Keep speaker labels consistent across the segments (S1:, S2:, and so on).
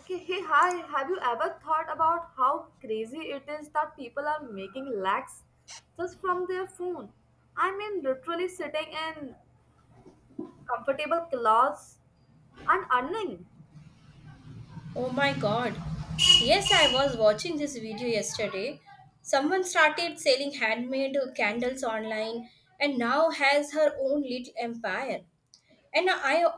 S1: Okay, hey, hi. Have you ever thought about how crazy it is that people are making lakhs just from their phone? I mean, literally sitting in comfortable clothes and earning.
S2: Oh my god. Yes, I was watching this video yesterday. Someone started selling handmade candles online and now has her own little empire. And I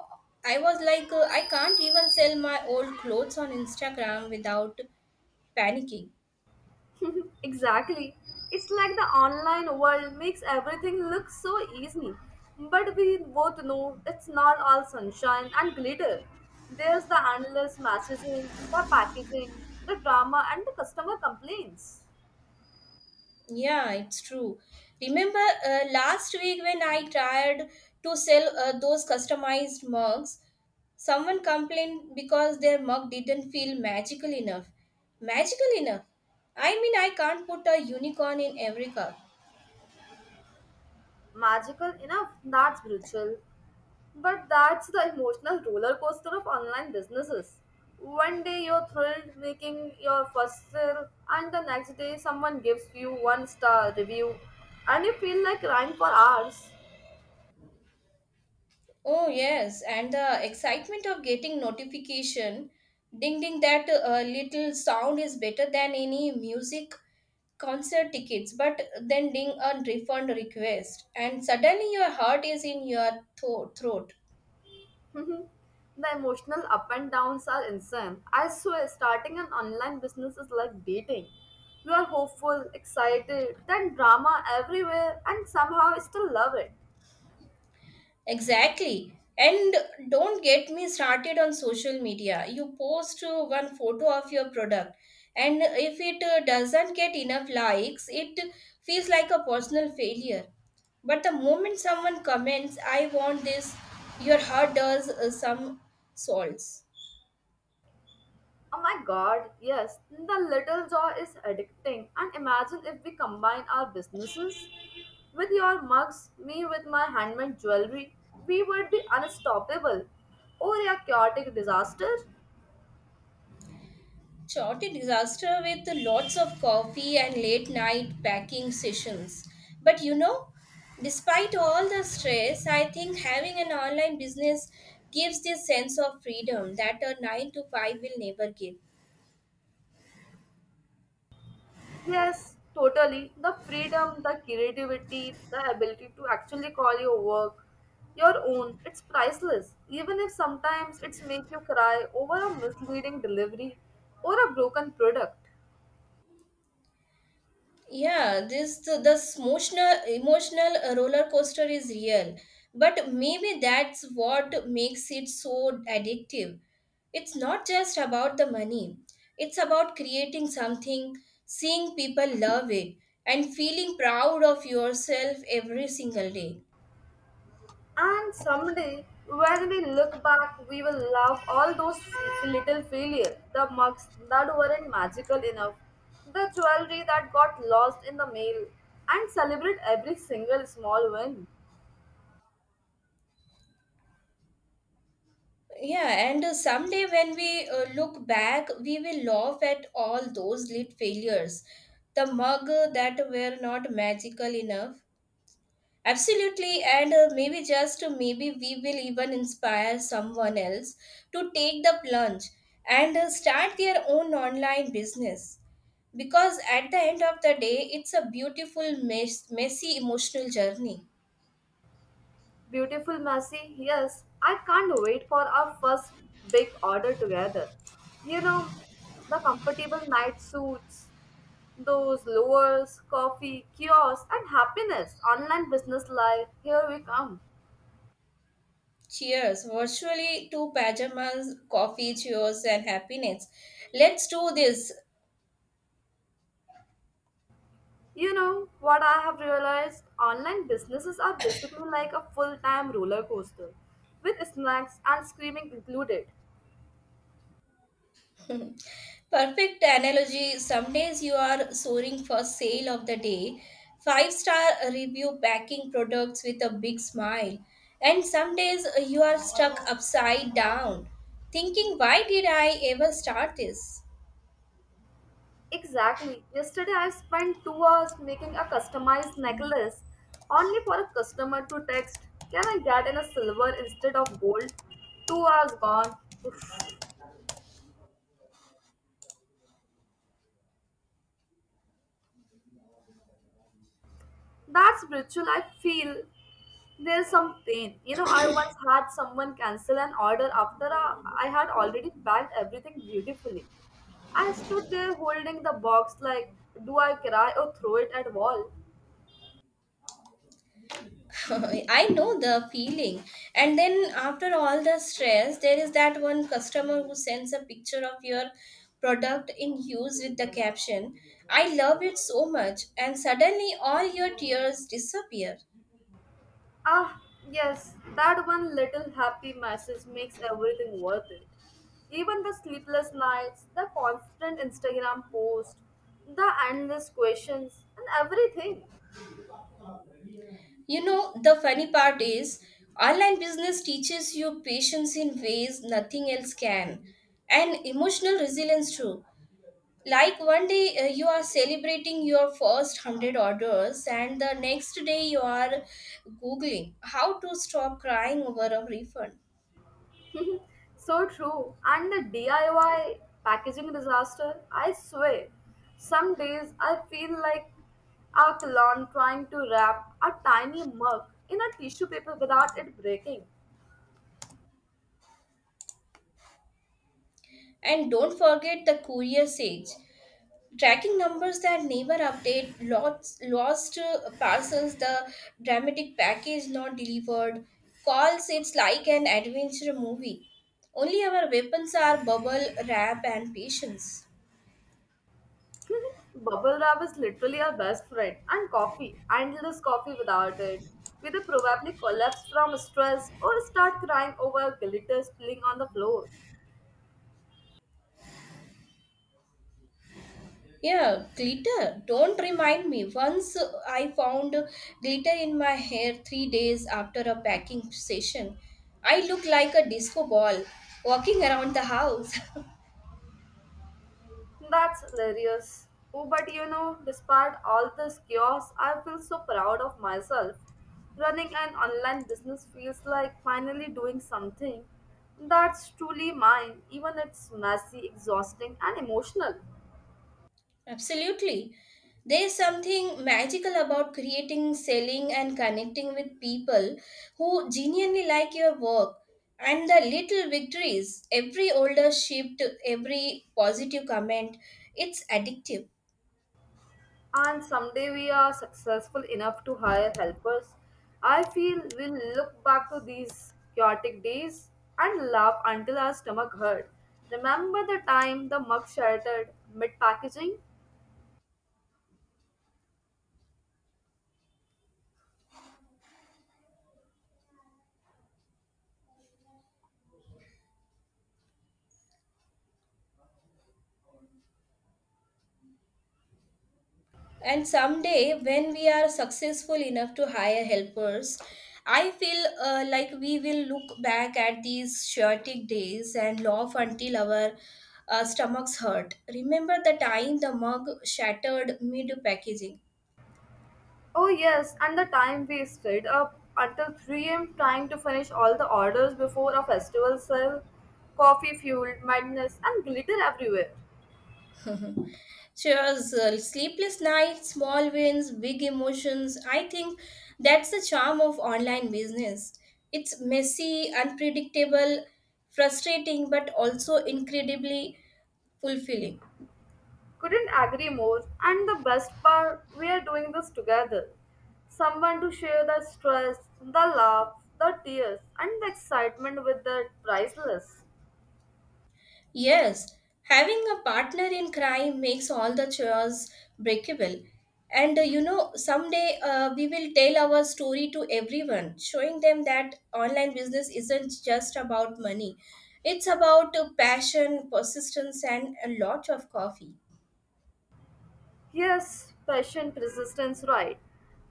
S2: I was like I can't even sell my old clothes on Instagram without panicking.
S1: exactly. It's like the online world makes everything look so easy. But we both know it's not all sunshine and glitter. There's the endless messaging, the packaging, the drama, and the customer complaints.
S2: Yeah, it's true. Remember last week when I tried to sell those customized mugs, someone complained because their mug didn't feel magical enough. Magical enough? I mean, I can't put a unicorn in every cup.
S1: Magical enough? That's brutal. But that's the emotional roller coaster of online businesses. One day you're thrilled making your first sale, and the next day someone gives you one star review, and you feel like crying for hours.
S2: Oh, yes, and the excitement of getting notification, ding ding, that little sound is better than any music concert tickets, but then ding a refund request, and suddenly your heart is in your throat.
S1: the emotional up and downs are insane. I swear, starting an online business is like dating. You are hopeful, excited, then drama everywhere, and somehow still love it.
S2: Exactly. And don't get me started on social media. You post one photo of your product, and if it doesn't get enough likes, it feels like a personal failure. But the moment someone comments, I want this, your heart does some souls.
S1: Oh my god, yes, the little joy is addicting. And imagine if we combine our businesses with your mugs, me with my handmade jewelry, we would be unstoppable. Or a chaotic disaster?
S2: Chaotic disaster with lots of coffee and late night packing sessions. But you know, despite all the stress, I think having an online business gives this sense of freedom that a 9 to 5 will never give.
S1: Yes, totally. The freedom, the creativity, the ability to actually call your work your own, it's priceless. Even if sometimes it's make you cry over a misleading delivery or a broken product.
S2: Yeah, the emotional roller coaster is real, but maybe that's what makes it so addictive. It's not just about the money. It's about creating something, seeing people love it, and feeling proud of yourself every single day.
S1: And someday, when we look back, we will love all those little failures, the mugs that weren't magical enough, the jewelry that got lost in the mail, and celebrate every single small win.
S2: Yeah, and someday when we look back, we will laugh at all those lit failures, the mug that were not magical enough. Absolutely, and maybe just maybe we will even inspire someone else to take the plunge and start their own online business. Because at the end of the day, it's a beautiful, messy, emotional journey.
S1: Beautiful, messy, yes, I can't wait for our first big order together. You know, the comfortable night suits, those lowers, coffee, kiosks, and happiness, online business life, here we come.
S2: Cheers, virtually, to pajamas, coffee, cheers, and happiness. Let's do this.
S1: You know what I have realized? Online businesses are basically like a full time roller coaster with snacks and screaming included.
S2: Perfect analogy. Some days you are soaring for sale of the day, five-star review, packing products with a big smile, and some days you are stuck upside down, thinking, why did I ever start this?
S1: Exactly. Yesterday I spent 2 hours making a customized necklace only for a customer to text, "Can I get in a silver instead of gold?" 2 hours gone. That's ritual I feel. There's some pain. You know, I once had someone cancel an order after I had already packed everything beautifully. I stood there holding the box like, do I cry or throw it at wall?
S2: I know the feeling. And then, after all the stress, there is that one customer who sends a picture of your product in use with the caption, I love it so much, and suddenly all your tears disappear.
S1: Ah, yes, that one little happy message makes everything worth it. Even the sleepless nights, the constant Instagram posts, the endless questions, and everything.
S2: You know, the funny part is, online business teaches you patience in ways nothing else can, and emotional resilience too. Like one day you are celebrating your first 100 orders, and the next day you are Googling how to stop crying over a refund.
S1: So true. And the DIY packaging disaster, I swear. Some days I feel like a clown trying to wrap a tiny mug in a tissue paper without it breaking.
S2: And don't forget the courier sage. Tracking numbers that never update, lost parcels, the dramatic package not delivered call, it's like an adventure movie. Only our weapons are bubble wrap and patience.
S1: Bubble wrap is literally our best friend, and coffee, endless coffee without it. We'd probably collapse from stress or start crying over glitter spilling on the floor.
S2: Yeah, glitter, don't remind me. Once I found glitter in my hair 3 days after a packing session. I look like a disco ball walking around the house.
S1: That's hilarious. Oh, but you know, despite all this chaos, I feel so proud of myself. Running an online business feels like finally doing something that's truly mine, even if it's messy, exhausting, and emotional.
S2: Absolutely. There's something magical about creating, selling, and connecting with people who genuinely like your work. And the little victories, every older shift, every positive comment, it's addictive.
S1: And someday we are successful enough to hire helpers. I feel we'll look back to these chaotic days and laugh until our stomach hurt. Remember the time the mug shattered mid packaging?
S2: And someday, when we are successful enough to hire helpers, I feel like we will look back at these chaotic days and laugh until our stomachs hurt. Remember the time the mug shattered mid packaging.
S1: Oh, yes, and the time we stayed up until 3 a.m. trying to finish all the orders before a festival sale. Coffee fueled madness and glitter everywhere.
S2: Cheers, sleepless nights, small wins, big emotions. I think that's the charm of online business. It's messy, unpredictable, frustrating, but also incredibly fulfilling.
S1: Couldn't agree more, and the best part, we are doing this together. Someone to share the stress, the laughs, the tears, and the excitement with the priceless.
S2: Yes, having a partner in crime makes all the chores breakable. And you know, someday we will tell our story to everyone, showing them that online business isn't just about money. It's about passion, persistence, and a lot of coffee.
S1: Yes, passion, persistence, right.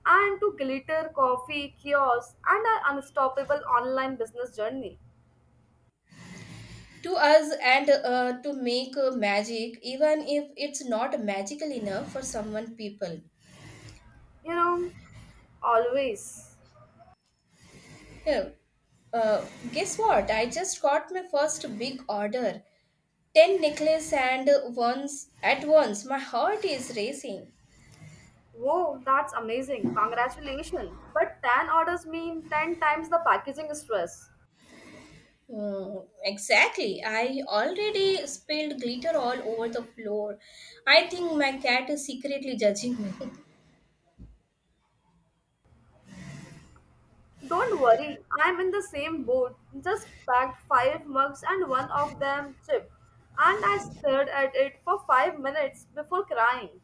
S1: And to glitter, coffee, kiosk, and our unstoppable online business journey.
S2: To us, and to make magic, even if it's not magical enough for someone people.
S1: You know, always.
S2: Yeah. Uh, guess what? I just got my first big order. 10 necklace, and once at once, my heart is racing.
S1: Whoa, that's amazing. Congratulations. But 10 orders mean 10 times the packaging stress.
S2: Hmm, exactly. I already spilled glitter all over the floor. I think my cat is secretly judging me.
S1: Don't worry, I'm in the same boat. Just packed 5 mugs and one of them chipped. And I stared at it for 5 minutes before crying.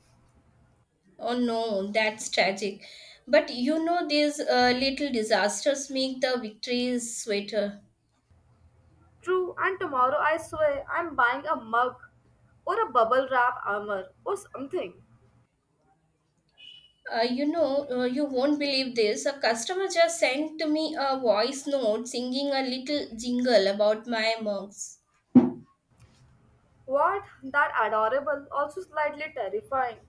S2: Oh no, that's tragic. But you know, these little disasters make the victories sweeter.
S1: True, and tomorrow I swear I'm buying a mug or a bubble wrap armor or something.
S2: You won't believe this. A customer just sent me a voice note singing a little jingle about my mugs.
S1: What? That adorable, also slightly terrifying.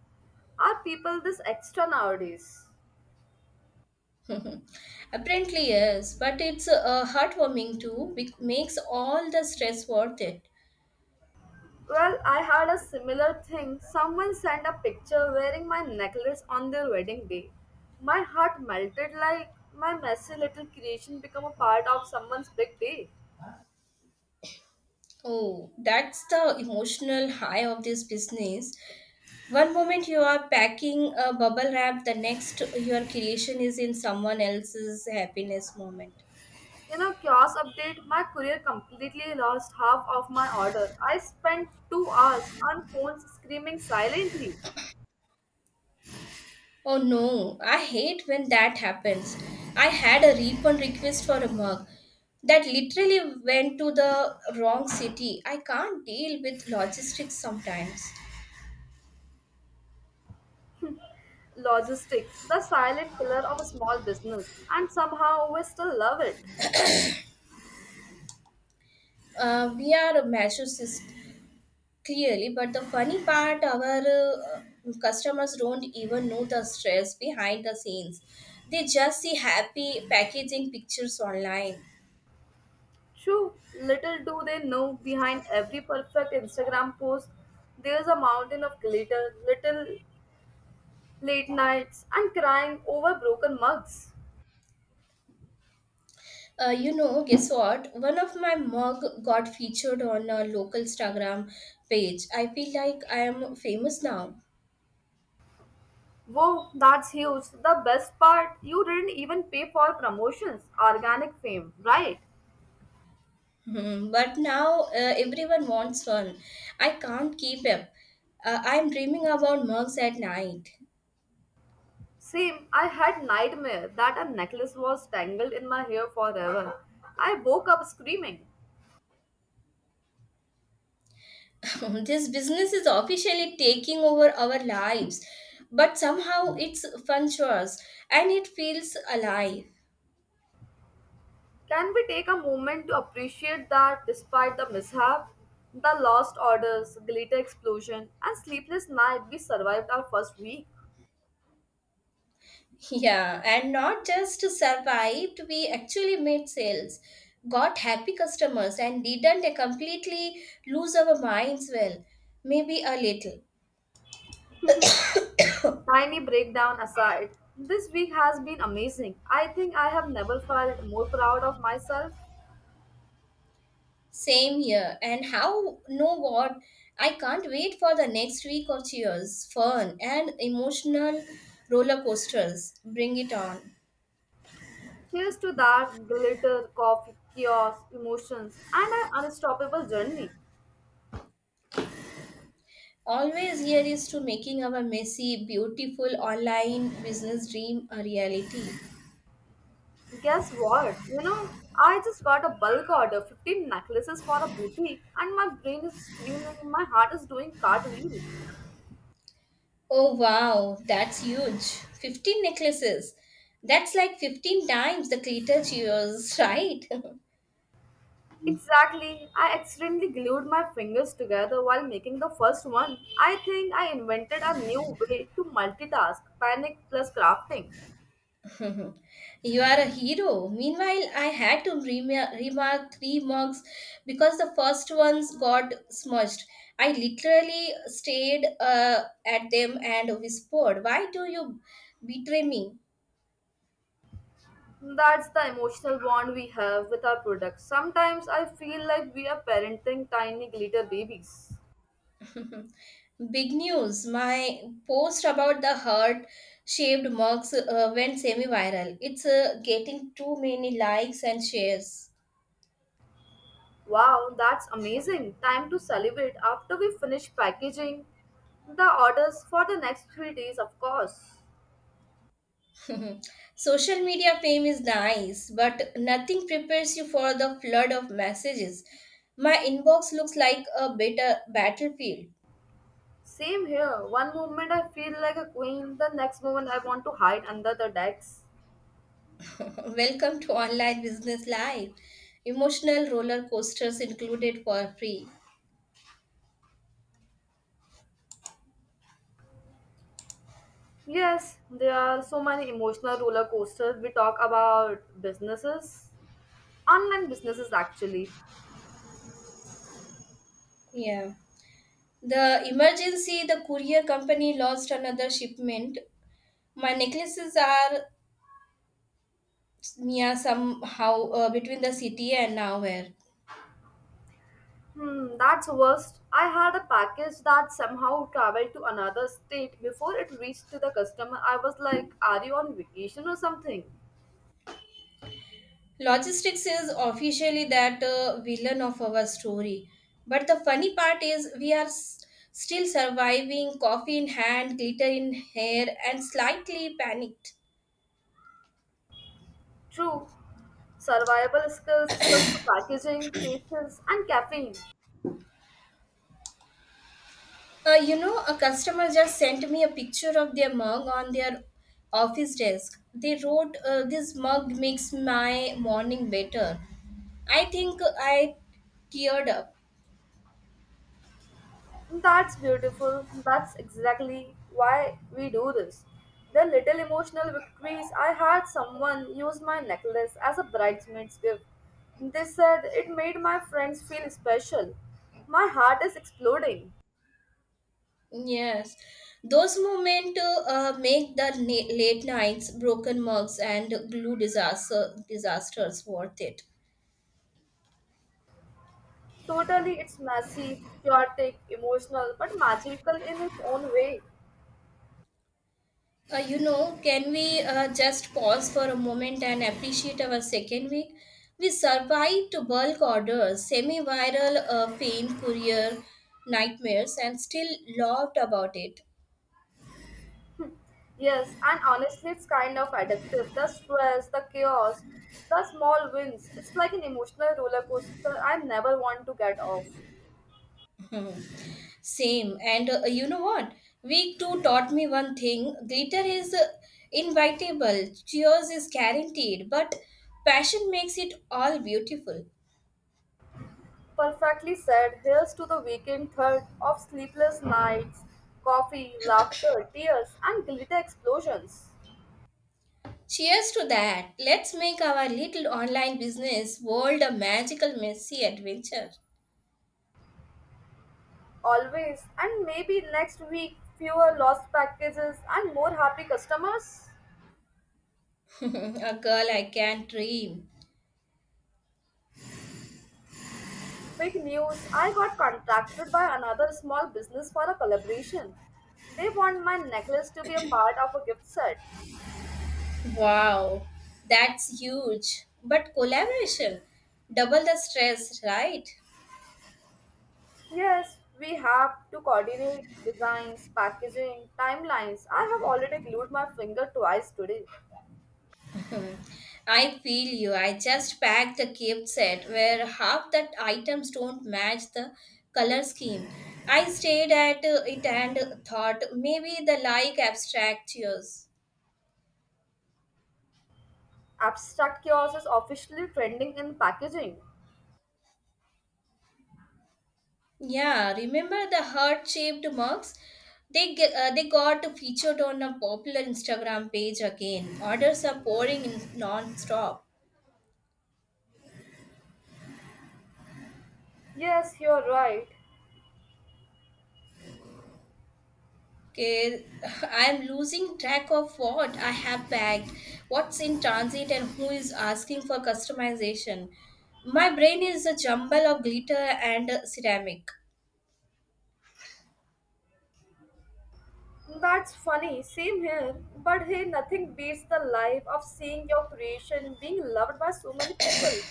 S1: Are people this extra nowadays?
S2: Apparently, yes, but it's heartwarming too, which makes all the stress worth it.
S1: Well, I had a similar thing. Someone sent a picture wearing my necklace on their wedding day. My heart melted like my messy little creation become a part of someone's big day.
S2: Oh, that's the emotional high of this business. One moment you are packing a bubble wrap, the next your creation is in someone else's happiness moment.
S1: You know, kiosk update, my courier completely lost half of my order. I spent 2 hours on phones screaming silently.
S2: Oh no, I hate when that happens. I had a refund request for a mug that literally went to the wrong city. I can't deal with logistics sometimes.
S1: Logistic, the silent killer of a small business, and somehow we still love it.
S2: We are a masochist, clearly, but the funny part, our customers don't even know the stress behind the scenes. They just see happy packaging pictures online.
S1: True, little do they know behind every perfect Instagram post, there's a mountain of glitter, little late nights, and crying over broken mugs.
S2: Guess what? One of my mug got featured on a local Instagram page. I feel like I am famous now.
S1: Whoa, that's huge. The best part, you didn't even pay for promotions, organic fame, right?
S2: Hmm, but now everyone wants one. I can't keep up. I'm dreaming about mugs at night.
S1: Same, I had nightmare that a necklace was tangled in my hair forever. I woke up screaming.
S2: This business is officially taking over our lives, but somehow it's fun chores and it feels alive.
S1: Can we take a moment to appreciate that despite the mishap, the lost orders, glitter explosion, and sleepless night, we survived our first week?
S2: Yeah, and not just survived, we actually made sales, got happy customers, and didn't completely lose our minds. Well, maybe a little.
S1: Tiny breakdown aside, this week has been amazing. I think I have never felt more proud of myself.
S2: Same here. And how, know what? I can't wait for the next week of cheers, fun, and emotional roller coasters. Bring it on.
S1: Cheers to that glitter, coffee, chaos, emotions, and an unstoppable journey.
S2: Always, here is to making our messy, beautiful online business dream a reality.
S1: Guess what? You know, I just got a bulk order 15 necklaces for a boutique, and my brain is screaming, my heart is doing cartwheels.
S2: Oh wow, that's huge. 15 necklaces. That's like 15 times the glitter cheers, right?
S1: Exactly. I accidentally glued my fingers together while making the first one. I think I invented a new way to multitask panic plus crafting.
S2: You are a hero. Meanwhile, I had to remark three mugs because the first ones got smudged. I literally stared at them and whispered, why do you betray me?
S1: That's the emotional bond we have with our products. Sometimes I feel like we are parenting tiny glitter babies.
S2: Big news! My post about the heart shaped mugs went semi viral. It's getting too many likes and shares.
S1: Wow, that's amazing. Time to celebrate after we finish packaging the orders for the next 3 days, of course.
S2: Social media fame is nice, but nothing prepares you for the flood of messages. My inbox looks like a bitter battlefield.
S1: Same here. One moment I feel like a queen, the next moment I want to hide under the decks.
S2: Welcome to online business life. Emotional roller coasters included for free.
S1: Yes, there are so many emotional roller coasters. We talk about businesses, online businesses actually.
S2: Yeah. The emergency, the courier company lost another shipment. My necklaces are near, somehow between the city and nowhere.
S1: Hmm, that's worst. I had a package that somehow traveled to another state before it reached to the customer. I was like, "Are you on vacation or something?"
S2: Logistics is officially that villain of our story. But the funny part is, we are still surviving, coffee in hand, glitter in hair, and slightly panicked.
S1: True, survival skills such as packaging, patience, and caffeine.
S2: A customer just sent me a picture of their mug on their office desk. They wrote, this mug makes my morning better. I think I teared up.
S1: That's beautiful. That's exactly why we do this. The little emotional victories I had someone use my necklace as a bridesmaid's gift. They said it made my friends feel special. My heart is exploding.
S2: Yes, those moments make the late nights, broken mugs, and glue disasters worth it.
S1: Totally, it's messy, chaotic, emotional, but magical in its own way.
S2: Can we just pause for a moment and appreciate our second week? We survived bulk orders, semi-viral pain, courier nightmares, and still laughed about it.
S1: Yes, and honestly, it's kind of addictive. The stress, the chaos, the small wins. It's like an emotional roller coaster I never want to get off.
S2: Same. And you know what? Week 2 taught me one thing, glitter is invitable, cheers is guaranteed, but passion makes it all beautiful.
S1: Perfectly said. Here's to the weekend third of sleepless nights, coffee, laughter, tears, and glitter explosions.
S2: Cheers to that. Let's make our little online business world a magical, messy adventure.
S1: Always. And maybe next week, fewer lost packages and more happy customers.
S2: A girl I can dream.
S1: Big news! I got contacted by another small business for a collaboration. They want my necklace to be a part of a gift set.
S2: Wow, that's huge. But collaboration, double the stress, right?
S1: Yes, we have to coordinate designs, packaging, timelines. I have already glued my finger twice today.
S2: Hmm. I feel you. I just packed a gift set where half the items don't match the color scheme. I stared at it and thought maybe the like abstract yours.
S1: Abstract chaos is officially trending in packaging.
S2: Yeah, remember the heart-shaped mugs? They got featured on a popular Instagram page again. Orders are pouring in non-stop.
S1: Yes, you're right.
S2: Okay, I'm losing track of what I have bagged, what's in transit, and who is asking for customization. My brain is a jumble of glitter and ceramic.
S1: That's funny. Same here. But hey, nothing beats the life of seeing your creation being loved by so many people.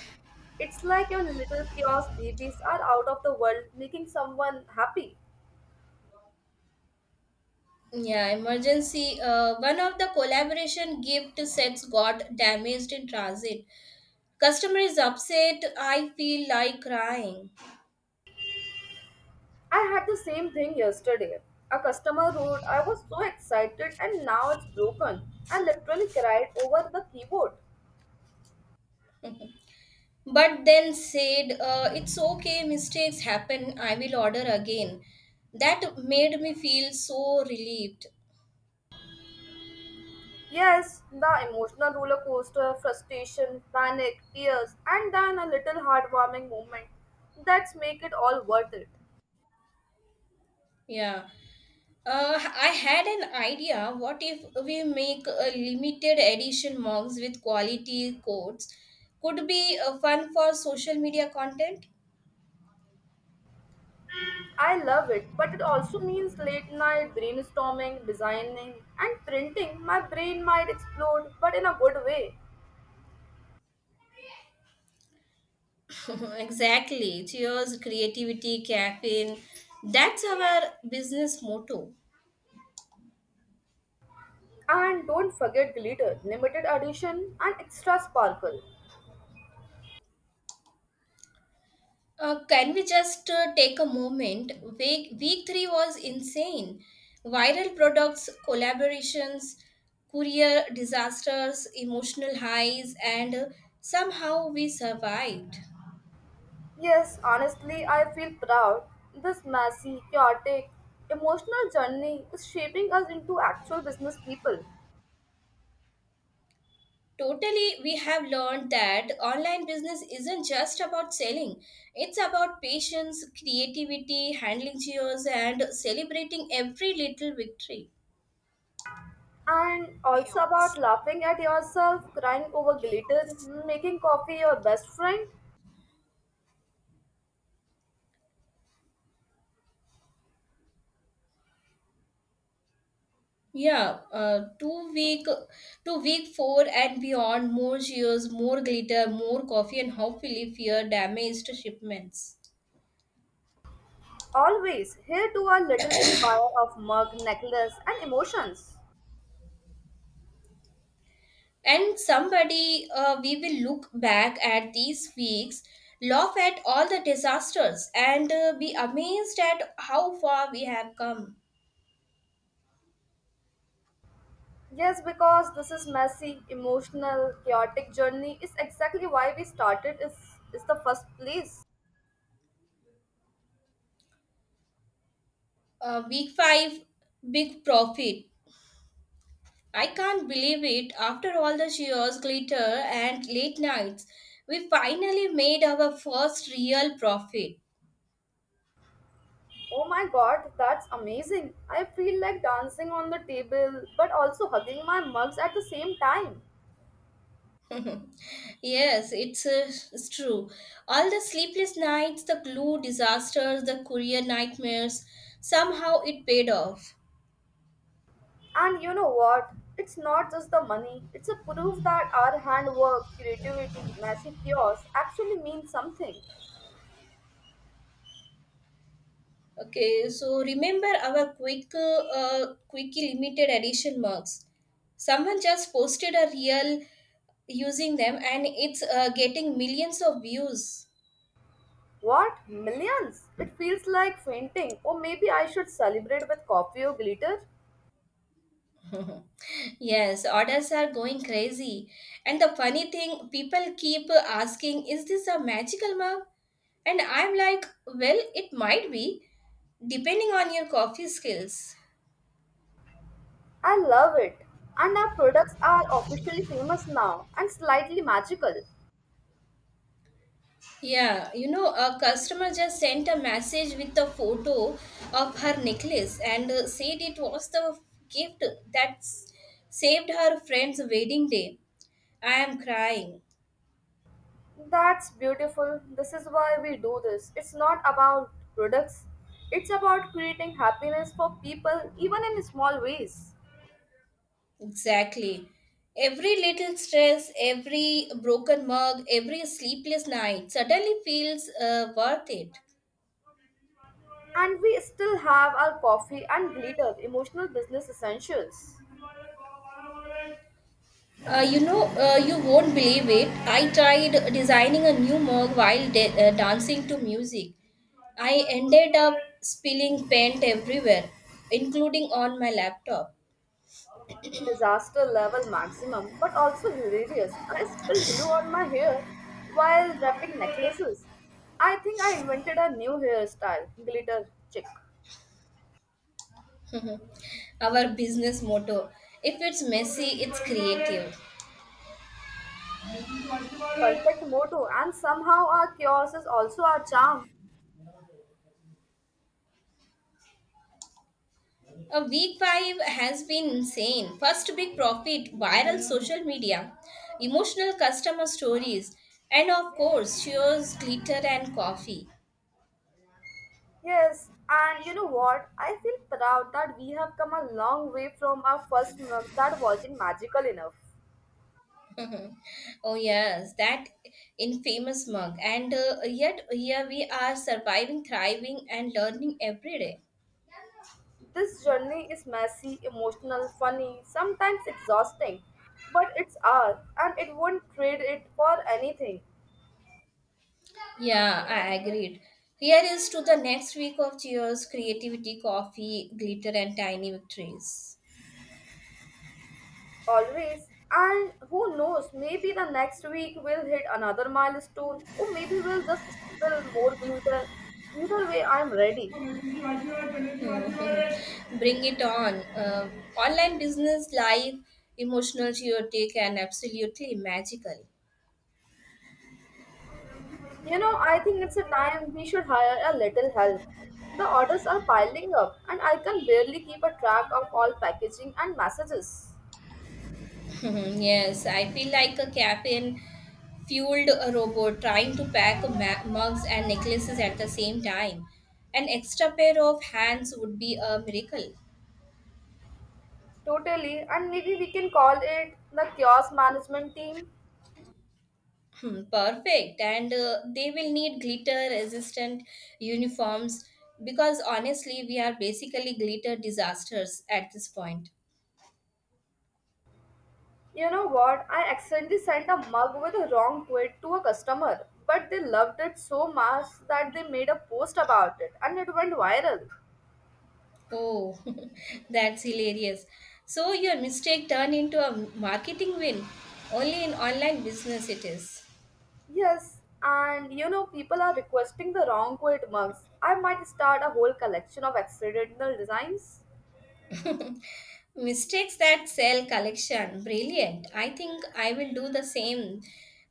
S1: It's like your little chaos babies are out of the world making someone happy.
S2: Yeah, emergency. One of the collaboration gift sets got damaged in transit. Customer is upset. I feel like crying.
S1: I had the same thing yesterday. A customer wrote, "I was so excited and now it's broken." I literally cried over the keyboard.
S2: But then said, it's okay, mistakes happen. I will order again. That made me feel so relieved.
S1: Yes, the emotional roller coaster, frustration, panic, tears, and then a little heartwarming moment. That's make it all worth it.
S2: Yeah. I had an idea. What if we make a limited edition mugs with quality codes? Could be fun for social media content.
S1: I love it, but it also means late night brainstorming, designing, and printing. My brain might explode, but in a good way.
S2: Exactly. Cheers, creativity, caffeine. That's our business motto.
S1: And don't forget glitter, limited edition, and extra sparkle.
S2: Can we just take a moment? Week 3 was insane. Viral products, collaborations, courier disasters, emotional highs, and somehow we survived.
S1: Yes, honestly, I feel proud. This messy, chaotic, emotional journey is shaping us into actual business people.
S2: Totally, we have learned that online business isn't just about selling, it's about patience, creativity, handling cheers, and celebrating every little victory.
S1: And also about laughing at yourself, crying over glitter, making coffee your best friend.
S2: Yeah, two week four and beyond, more cheers, more glitter, more coffee, and hopefully fewer damaged shipments.
S1: Always, here to our little empire of mug, necklace, and emotions.
S2: And somebody, we will look back at these weeks, laugh at all the disasters, and be amazed at how far we have come.
S1: Yes, because this is messy, emotional, chaotic journey is exactly why we started is the first place.
S2: Week five, big profit. I can't believe it. After all the cheers, glitter, and late nights, we finally made our first real profit.
S1: Oh my god, that's amazing. I feel like dancing on the table but also hugging my mugs at the same time.
S2: Yes, it's true. All the sleepless nights, the glue disasters, the courier nightmares, somehow it paid off.
S1: And you know what? It's not just the money. It's a proof that our handwork, creativity, messy chaos actually means something.
S2: Okay, so remember our quickie limited edition mugs. Someone just posted a reel using them, and it's getting millions of views.
S1: What? Millions? It feels like fainting. Or maybe I should celebrate with coffee or glitter.
S2: Yes, orders are going crazy. And the funny thing, people keep asking, is this a magical mug? And I'm like, well, it might be, depending on your coffee skills.
S1: I love it. And our products are officially famous now and slightly magical.
S2: Yeah, you know, a customer just sent a message with a photo of her necklace and said it was the gift that saved her friend's wedding day. I am crying.
S1: That's beautiful. This is why we do this. It's not about products, it's about creating happiness for people, even in small ways.
S2: Exactly. Every little stress, every broken mug, every sleepless night suddenly feels worth it.
S1: And we still have our coffee and glitter, emotional business essentials.
S2: You won't believe it. I tried designing a new mug while dancing to music. I ended up spilling paint everywhere, including on my laptop.
S1: Disaster level maximum, but also hilarious. I spilled glue on my hair while wrapping necklaces. I think I invented a new hairstyle, glitter chick.
S2: Our business motto, if it's messy, it's creative.
S1: Perfect motto, and somehow our chaos is also our charm.
S2: A week 5 has been insane. First big profit, viral social media, emotional customer stories, and of course, cheers, glitter, and coffee.
S1: Yes, and you know what? I feel proud that we have come a long way from our first mug that wasn't magical enough.
S2: Oh, yes, that infamous mug. And yet, here we are surviving, thriving, and learning every day.
S1: This journey is messy, emotional, funny, sometimes exhausting, but it's ours and it won't trade it for anything.
S2: Yeah, I agreed. Here is to the next week of cheers, creativity, coffee, glitter, and tiny victories.
S1: Always. And who knows, maybe the next week we'll hit another milestone, or maybe we'll just spill more glitter. Either way, I'm ready.
S2: Bring it on. Online business, live, emotional, chaotic, and absolutely magical.
S1: You know, I think it's a time we should hire a little help. The orders are piling up, and I can barely keep a track of all packaging and messages.
S2: Hmm, yes, I feel like a caffeine fueled robot trying to pack mugs and necklaces at the same time. An extra pair of hands would be a miracle.
S1: Totally, and maybe we can call it the kiosk management team.
S2: Hmm, perfect. And they will need glitter resistant uniforms because honestly, we are basically glitter disasters at this point.
S1: You know what? I accidentally sent a mug with a wrong quote to a customer, but they loved it so much that they made a post about it and it went viral.
S2: Oh, that's hilarious. So your mistake turned into a marketing win. Only in online business it is.
S1: Yes, and you know, people are requesting the wrong quote mugs. I might start a whole collection of accidental designs.
S2: Mistakes that sell collection. Brilliant. I think I will do the same.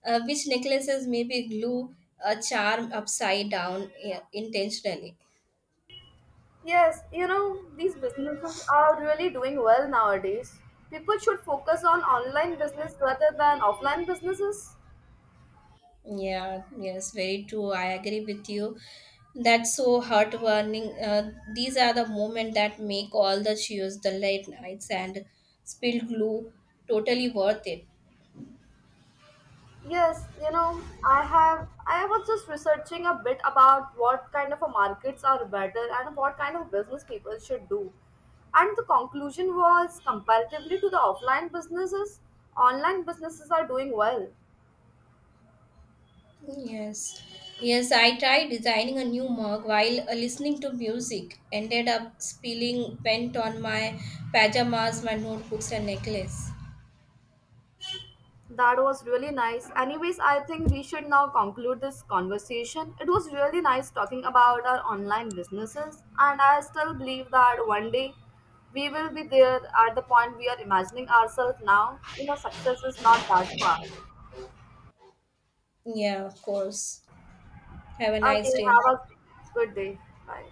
S2: Which necklaces, maybe glue a charm upside down, yeah, intentionally.
S1: Yes, you know, these businesses are really doing well nowadays. People should focus on online business rather than offline businesses.
S2: Yeah, yes, very true. I agree with you. That's so heartwarming. These are the moments that make all the cheers, the late nights, and spilled glue totally worth it.
S1: Yes, you know, I was just researching a bit about what kind of a markets are better and what kind of business people should do. And the conclusion was comparatively to the offline businesses, online businesses are doing well.
S2: Yes, yes, I tried designing a new mug while listening to music. Ended up spilling paint on my pajamas, my notebooks, and necklace.
S1: That was really nice. Anyways, I think we should now conclude this conversation. It was really nice talking about our online businesses, and I still believe that one day we will be there at the point we are imagining ourselves now. You know, success is not that far.
S2: Yeah, of course. Have a
S1: Okay,
S2: nice day.
S1: have a good day. Bye.